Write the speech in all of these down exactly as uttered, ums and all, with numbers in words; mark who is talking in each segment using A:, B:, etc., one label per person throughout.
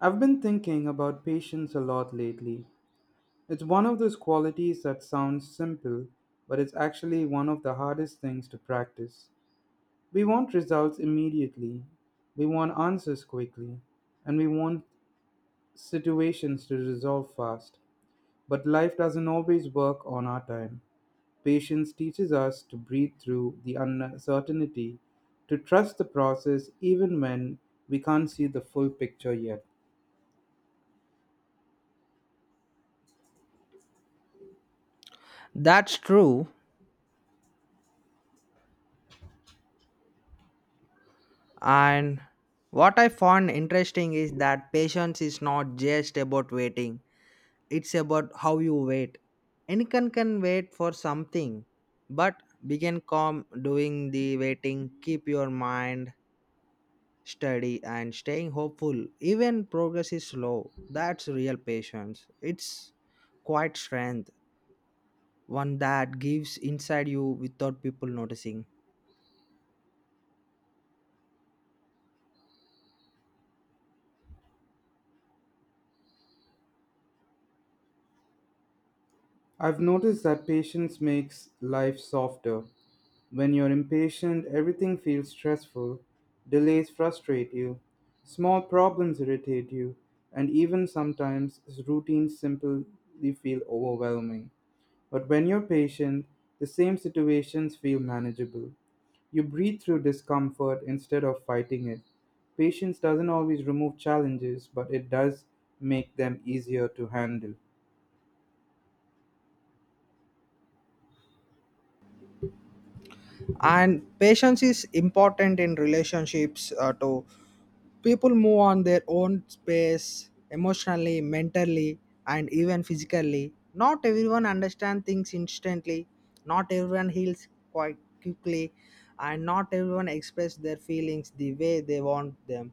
A: I've been thinking about patience a lot lately. It's one of those qualities that sounds simple, but it's actually one of the hardest things to practice. We want results immediately, we want answers quickly, and we want situations to resolve fast. But life doesn't always work on our time. Patience teaches us to breathe through the uncertainty, to trust the process even when we can't see the full picture yet.
B: That's true. And what I found interesting is that patience is not just about waiting, it's about how you wait. Anyone can wait for something, but begin calm doing the waiting, keep your mind steady and staying hopeful. Even progress is slow. That's real patience. It's quite strength, one that gives inside you without people noticing.
A: I've noticed that patience makes life softer. When you're impatient, everything feels stressful. Delays frustrate you. Small problems irritate you. And even sometimes, routines simply feel overwhelming. But when you're patient, the same situations feel manageable. You breathe through discomfort instead of fighting it. Patience doesn't always remove challenges, but it does make them easier to handle.
B: And patience is important in relationships uh, too. People move on their own space emotionally, mentally, and even physically. Not everyone understands things instantly, not everyone heals quite quickly, and not everyone expresses their feelings the way they want them,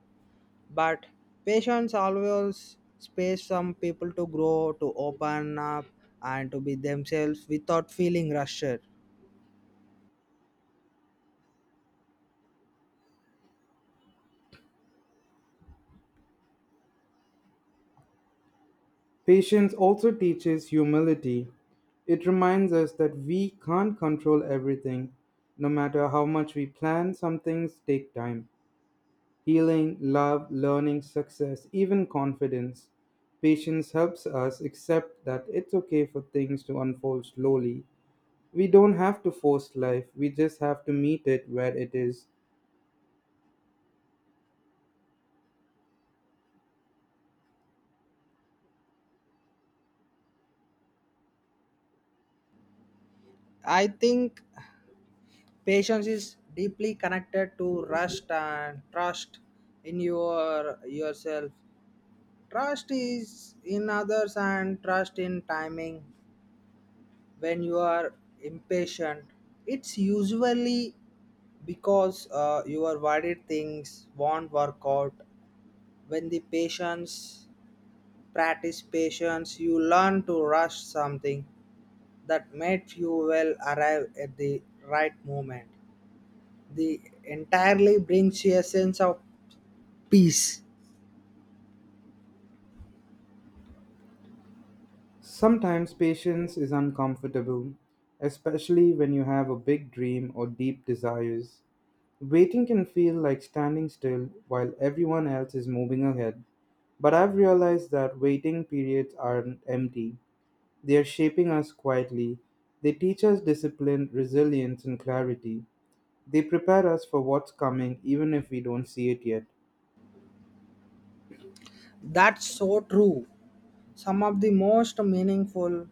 B: but patience always space some people to grow, to open up, and to be themselves without feeling rushed.
A: Patience also teaches humility. It reminds us that we can't control everything. No matter how much we plan, some things take time. Healing, love, learning, success, even confidence. Patience helps us accept that it's okay for things to unfold slowly. We don't have to force life, we just have to meet it where it is.
B: I think patience is deeply connected to rust and trust in your yourself. Trust is in others and trust in timing. When you are impatient, it's usually because uh, your worried things won't work out. When the patience practice patience, you learn to rush something that made you will arrive at the right moment, the entirely brings you a sense of peace.
A: Sometimes patience is uncomfortable, especially when you have a big dream or deep desires. Waiting can feel like standing still while everyone else is moving ahead, but I've realized that waiting periods aren't empty. They are shaping us quietly. They teach us discipline, resilience, and clarity. They prepare us for what's coming even if we don't see it yet.
B: That's so true. Some of the most meaningful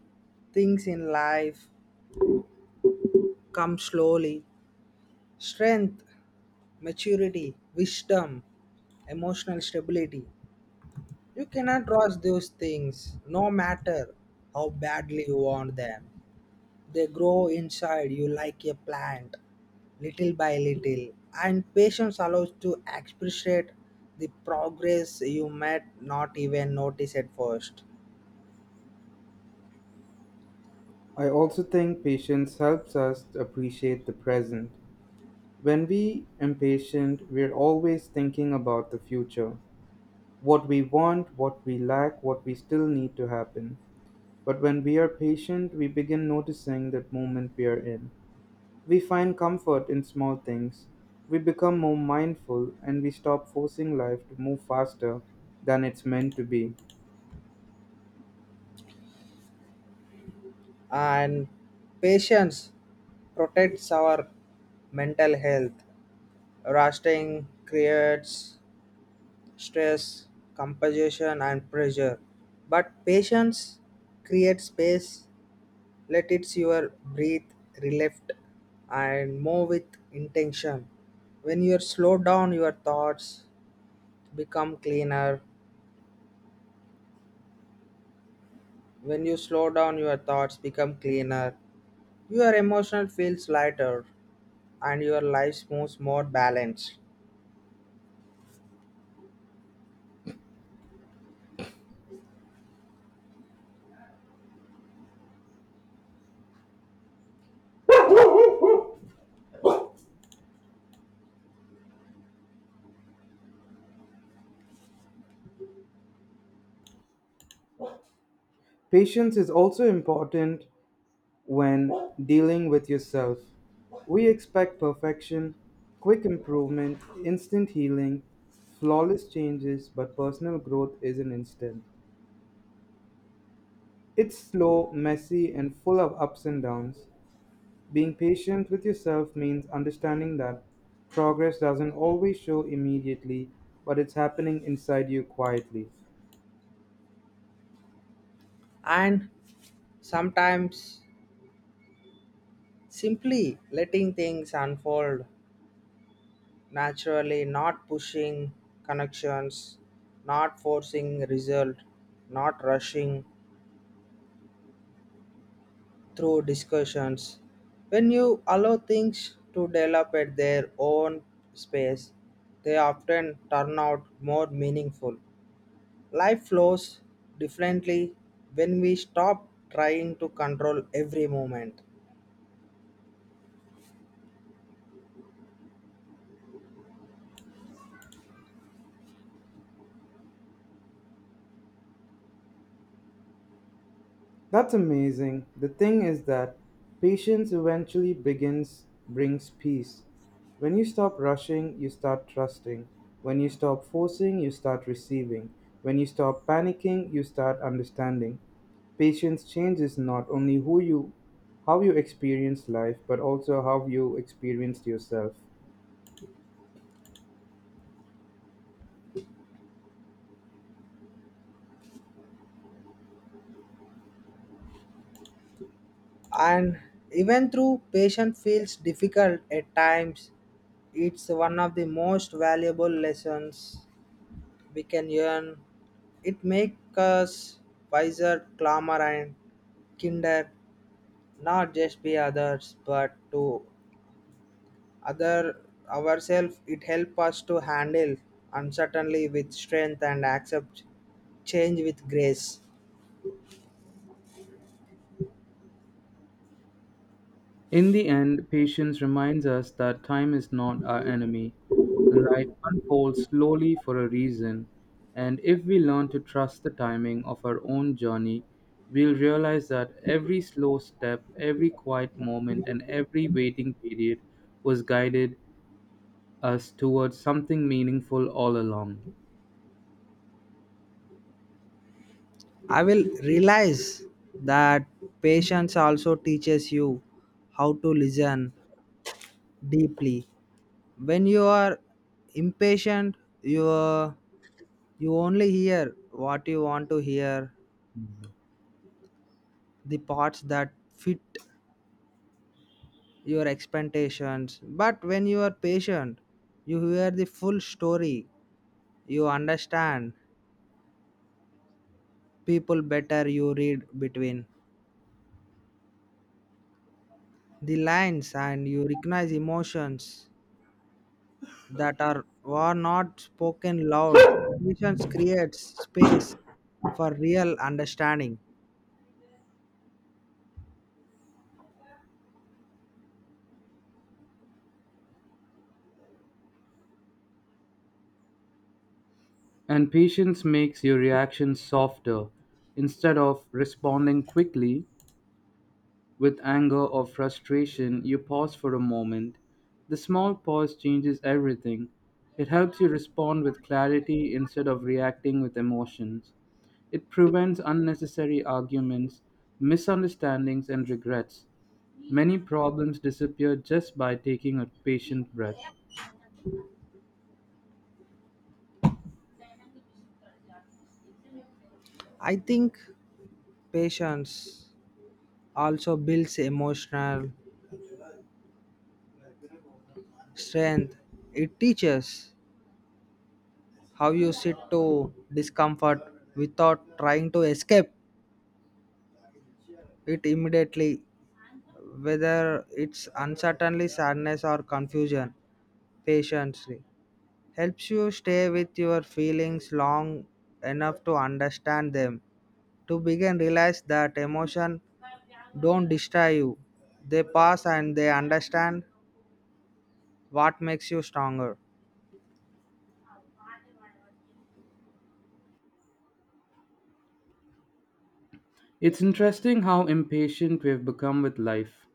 B: things in life come slowly. Strength, maturity, wisdom, emotional stability. You cannot rush those things, no matter how badly you want them. They grow inside you like a plant, little by little. And patience allows to appreciate the progress you might not even notice at first.
A: I also think patience helps us to appreciate the present. When we impatient, we're always thinking about the future. What we want, what we lack, what we still need to happen. But when we are patient, we begin noticing that moment we are in. We find comfort in small things. We become more mindful and we stop forcing life to move faster than it's meant to be.
B: And patience protects our mental health. Resting creates stress, composition, and pressure. But patience creates space, let it your breathe, relift, and move with intention. When you slow down, your thoughts become cleaner. When you slow down, your thoughts become cleaner. Your emotion feels lighter, and your life moves more balanced.
A: Patience is also important when dealing with yourself. We expect perfection, quick improvement, instant healing, flawless changes, but personal growth isn't instant. It's slow, messy, and full of ups and downs. Being patient with yourself means understanding that progress doesn't always show immediately, but it's happening inside you quietly.
B: And sometimes simply letting things unfold naturally, not pushing connections, not forcing result, not rushing through discussions. When you allow things to develop at their own space, they often turn out more meaningful. Life flows differently when we stop trying to control every moment.
A: That's amazing. The thing is that patience eventually begins brings peace. When you stop rushing, you start trusting. When you stop forcing, you start receiving. When you stop panicking, you start understanding. Patience changes not only who you how you experience life, but also how you experienced yourself.
B: And even though patient feels difficult at times, it's one of the most valuable lessons we can learn. It makes us wiser, calmer, and kinder, not just be others but to other ourselves. It helps us to handle uncertainty with strength and accept change with grace.
A: In the end, patience reminds us that time is not our enemy. Life unfolds slowly for a reason, and if we learn to trust the timing of our own journey, we'll realize that every slow step, every quiet moment, and every waiting period was guided us towards something meaningful all along.
B: I will realize that patience also teaches you how to listen deeply. When you are impatient, you are- you only hear what you want to hear, the parts that fit your expectations. But when you are patient, you hear the full story. You understand people better. You read between the lines and you recognize emotions that are were not spoken loud. Patience creates space for real understanding.
A: And patience makes your reactions softer. Instead of responding quickly, with anger or frustration, you pause for a moment. The small pause changes everything. It helps you respond with clarity instead of reacting with emotions. It prevents unnecessary arguments, misunderstandings, and regrets. Many problems disappear just by taking a patient breath.
B: I think patience also builds emotional strength. It teaches how you sit to discomfort without trying to escape it immediately, whether it's uncertainty, sadness, or confusion. Patience helps you stay with your feelings long enough to understand them, to begin realize that emotion don't destroy you, they pass and they understand what makes you stronger.
A: It's interesting how impatient we've become with life.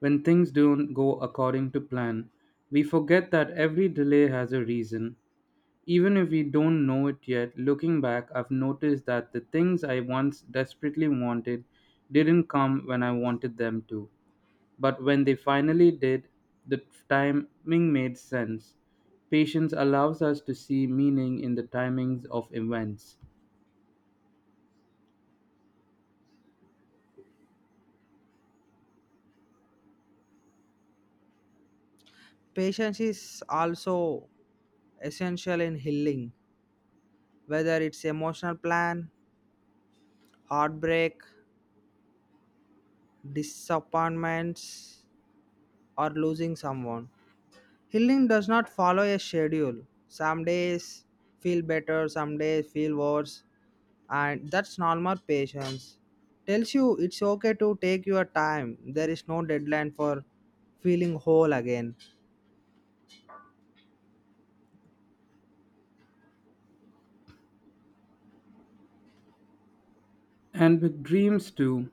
A: When things don't go according to plan, we forget that every delay has a reason. Even if we don't know it yet, looking back, I've noticed that the things I once desperately wanted didn't come when I wanted them to. But when they finally did, the timing made sense. Patience allows us to see meaning in the timings of events.
B: Patience is also essential in healing, whether it's emotional plan, heartbreak, disappointments, or losing someone. Healing does not follow a schedule. Some days feel better, some days feel worse, and that's normal. Patience tells you it's okay to take your time. There is no deadline for feeling whole again.
A: And with dreams too,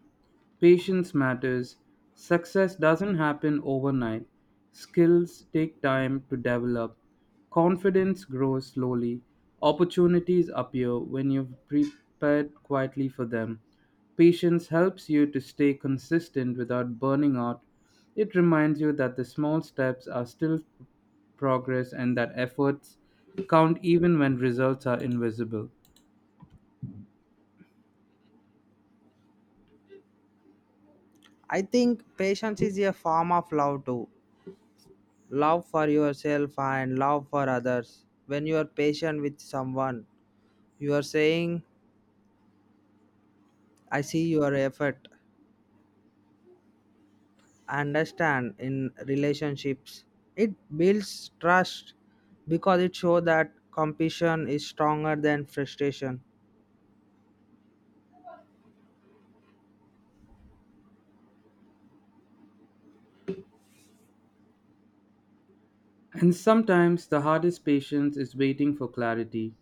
A: patience matters. Success doesn't happen overnight. Skills take time to develop. Confidence grows slowly. Opportunities appear when you've prepared quietly for them. Patience helps you to stay consistent without burning out. It reminds you that the small steps are still progress and that efforts count even when results are invisible.
B: I think patience is a form of love too, love for yourself and love for others. When you are patient with someone, you are saying, I see your effort, I understand. In relationships, it builds trust because it shows that compassion is stronger than frustration.
A: And sometimes the hardest patience is waiting for clarity.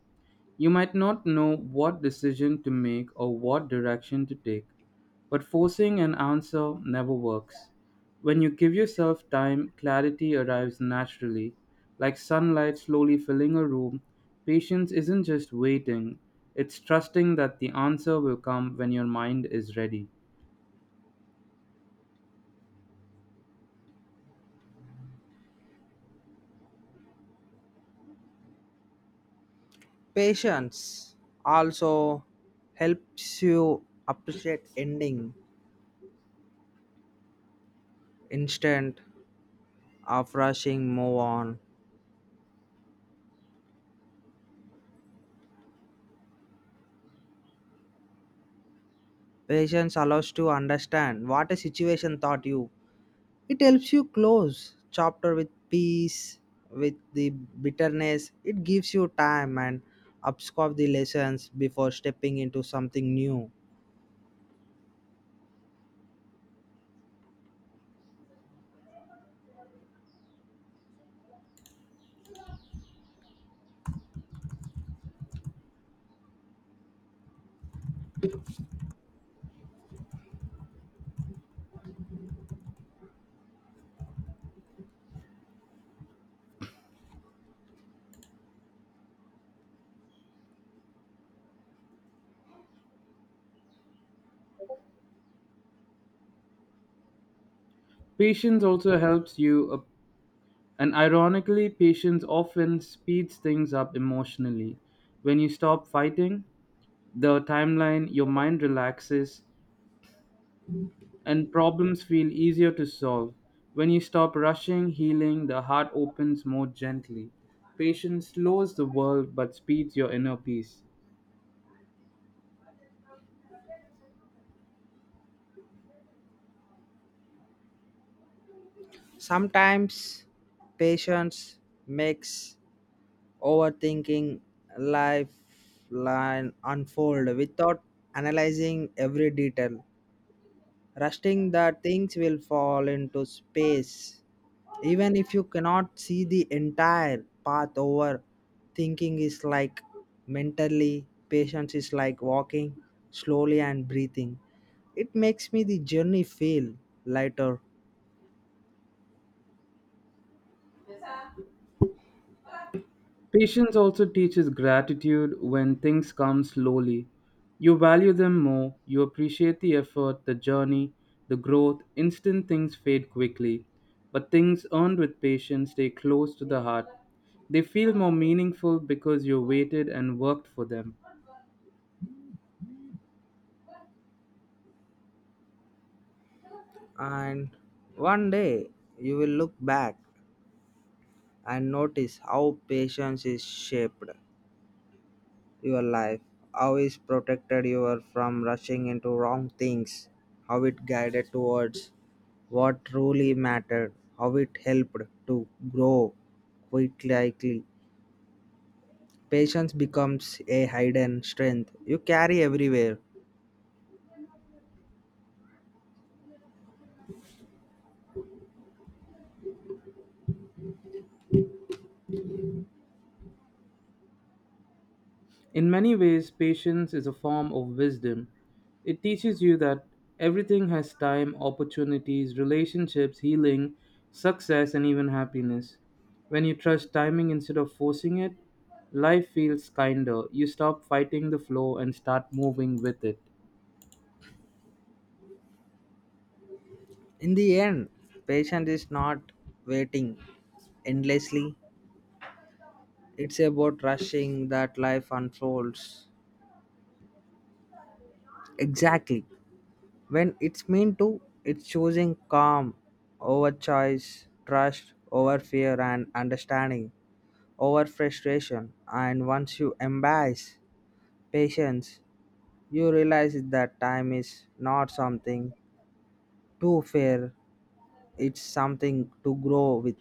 A: You might not know what decision to make or what direction to take, but forcing an answer never works. When you give yourself time, clarity arrives naturally. Like sunlight slowly filling a room, patience isn't just waiting, it's trusting that the answer will come when your mind is ready.
B: Patience also helps you appreciate ending instead of rushing move on. Patience allows to understand what a situation taught you. It helps you close chapter with peace, with the bitterness. It gives you time and absorb the lessons before stepping into something new.
A: Patience also helps you uh, And ironically, patience often speeds things up emotionally. When you stop fighting the timeline, your mind relaxes and problems feel easier to solve. When you stop rushing healing, the heart opens more gently. Patience slows the world but speeds your inner peace.
B: Sometimes patience makes overthinking lifeline unfold without analyzing every detail, rusting the things will fall into space even if you cannot see the entire path. Over thinking is like mentally, patience is like walking slowly and breathing. It makes me the journey feel lighter.
A: Patience also teaches gratitude when things come slowly. You value them more, you appreciate the effort, the journey, the growth. Instant things fade quickly, but things earned with patience stay close to the heart. They feel more meaningful because you waited and worked for them.
B: And one day you will look back and notice how patience is shaped your life, how is protected you are from rushing into wrong things, how it guided towards what truly mattered, how it helped to grow quickly. Patience becomes a hidden strength you carry everywhere.
A: In many ways, patience is a form of wisdom. It teaches you that everything has time, opportunities, relationships, healing, success, and even happiness. When you trust timing instead of forcing it, life feels kinder. You stop fighting the flow and start moving with it.
B: In the end, patience is not waiting endlessly. It's about rushing that life unfolds. Exactly. When it's meant to, it's choosing calm over choice, trust over fear, and understanding over frustration. And once you embrace patience, you realize that time is not something to fear, it's something to grow with.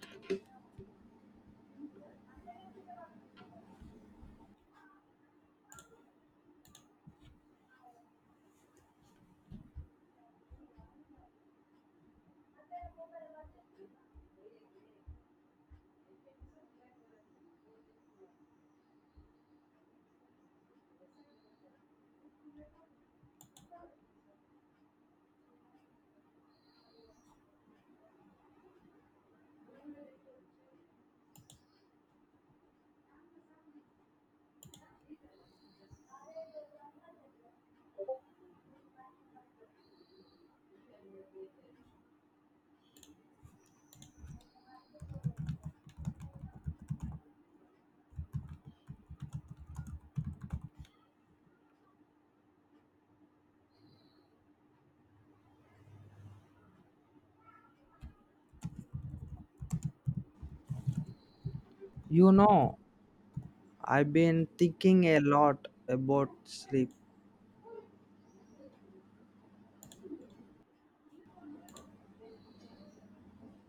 B: You know, I've been thinking a lot about sleep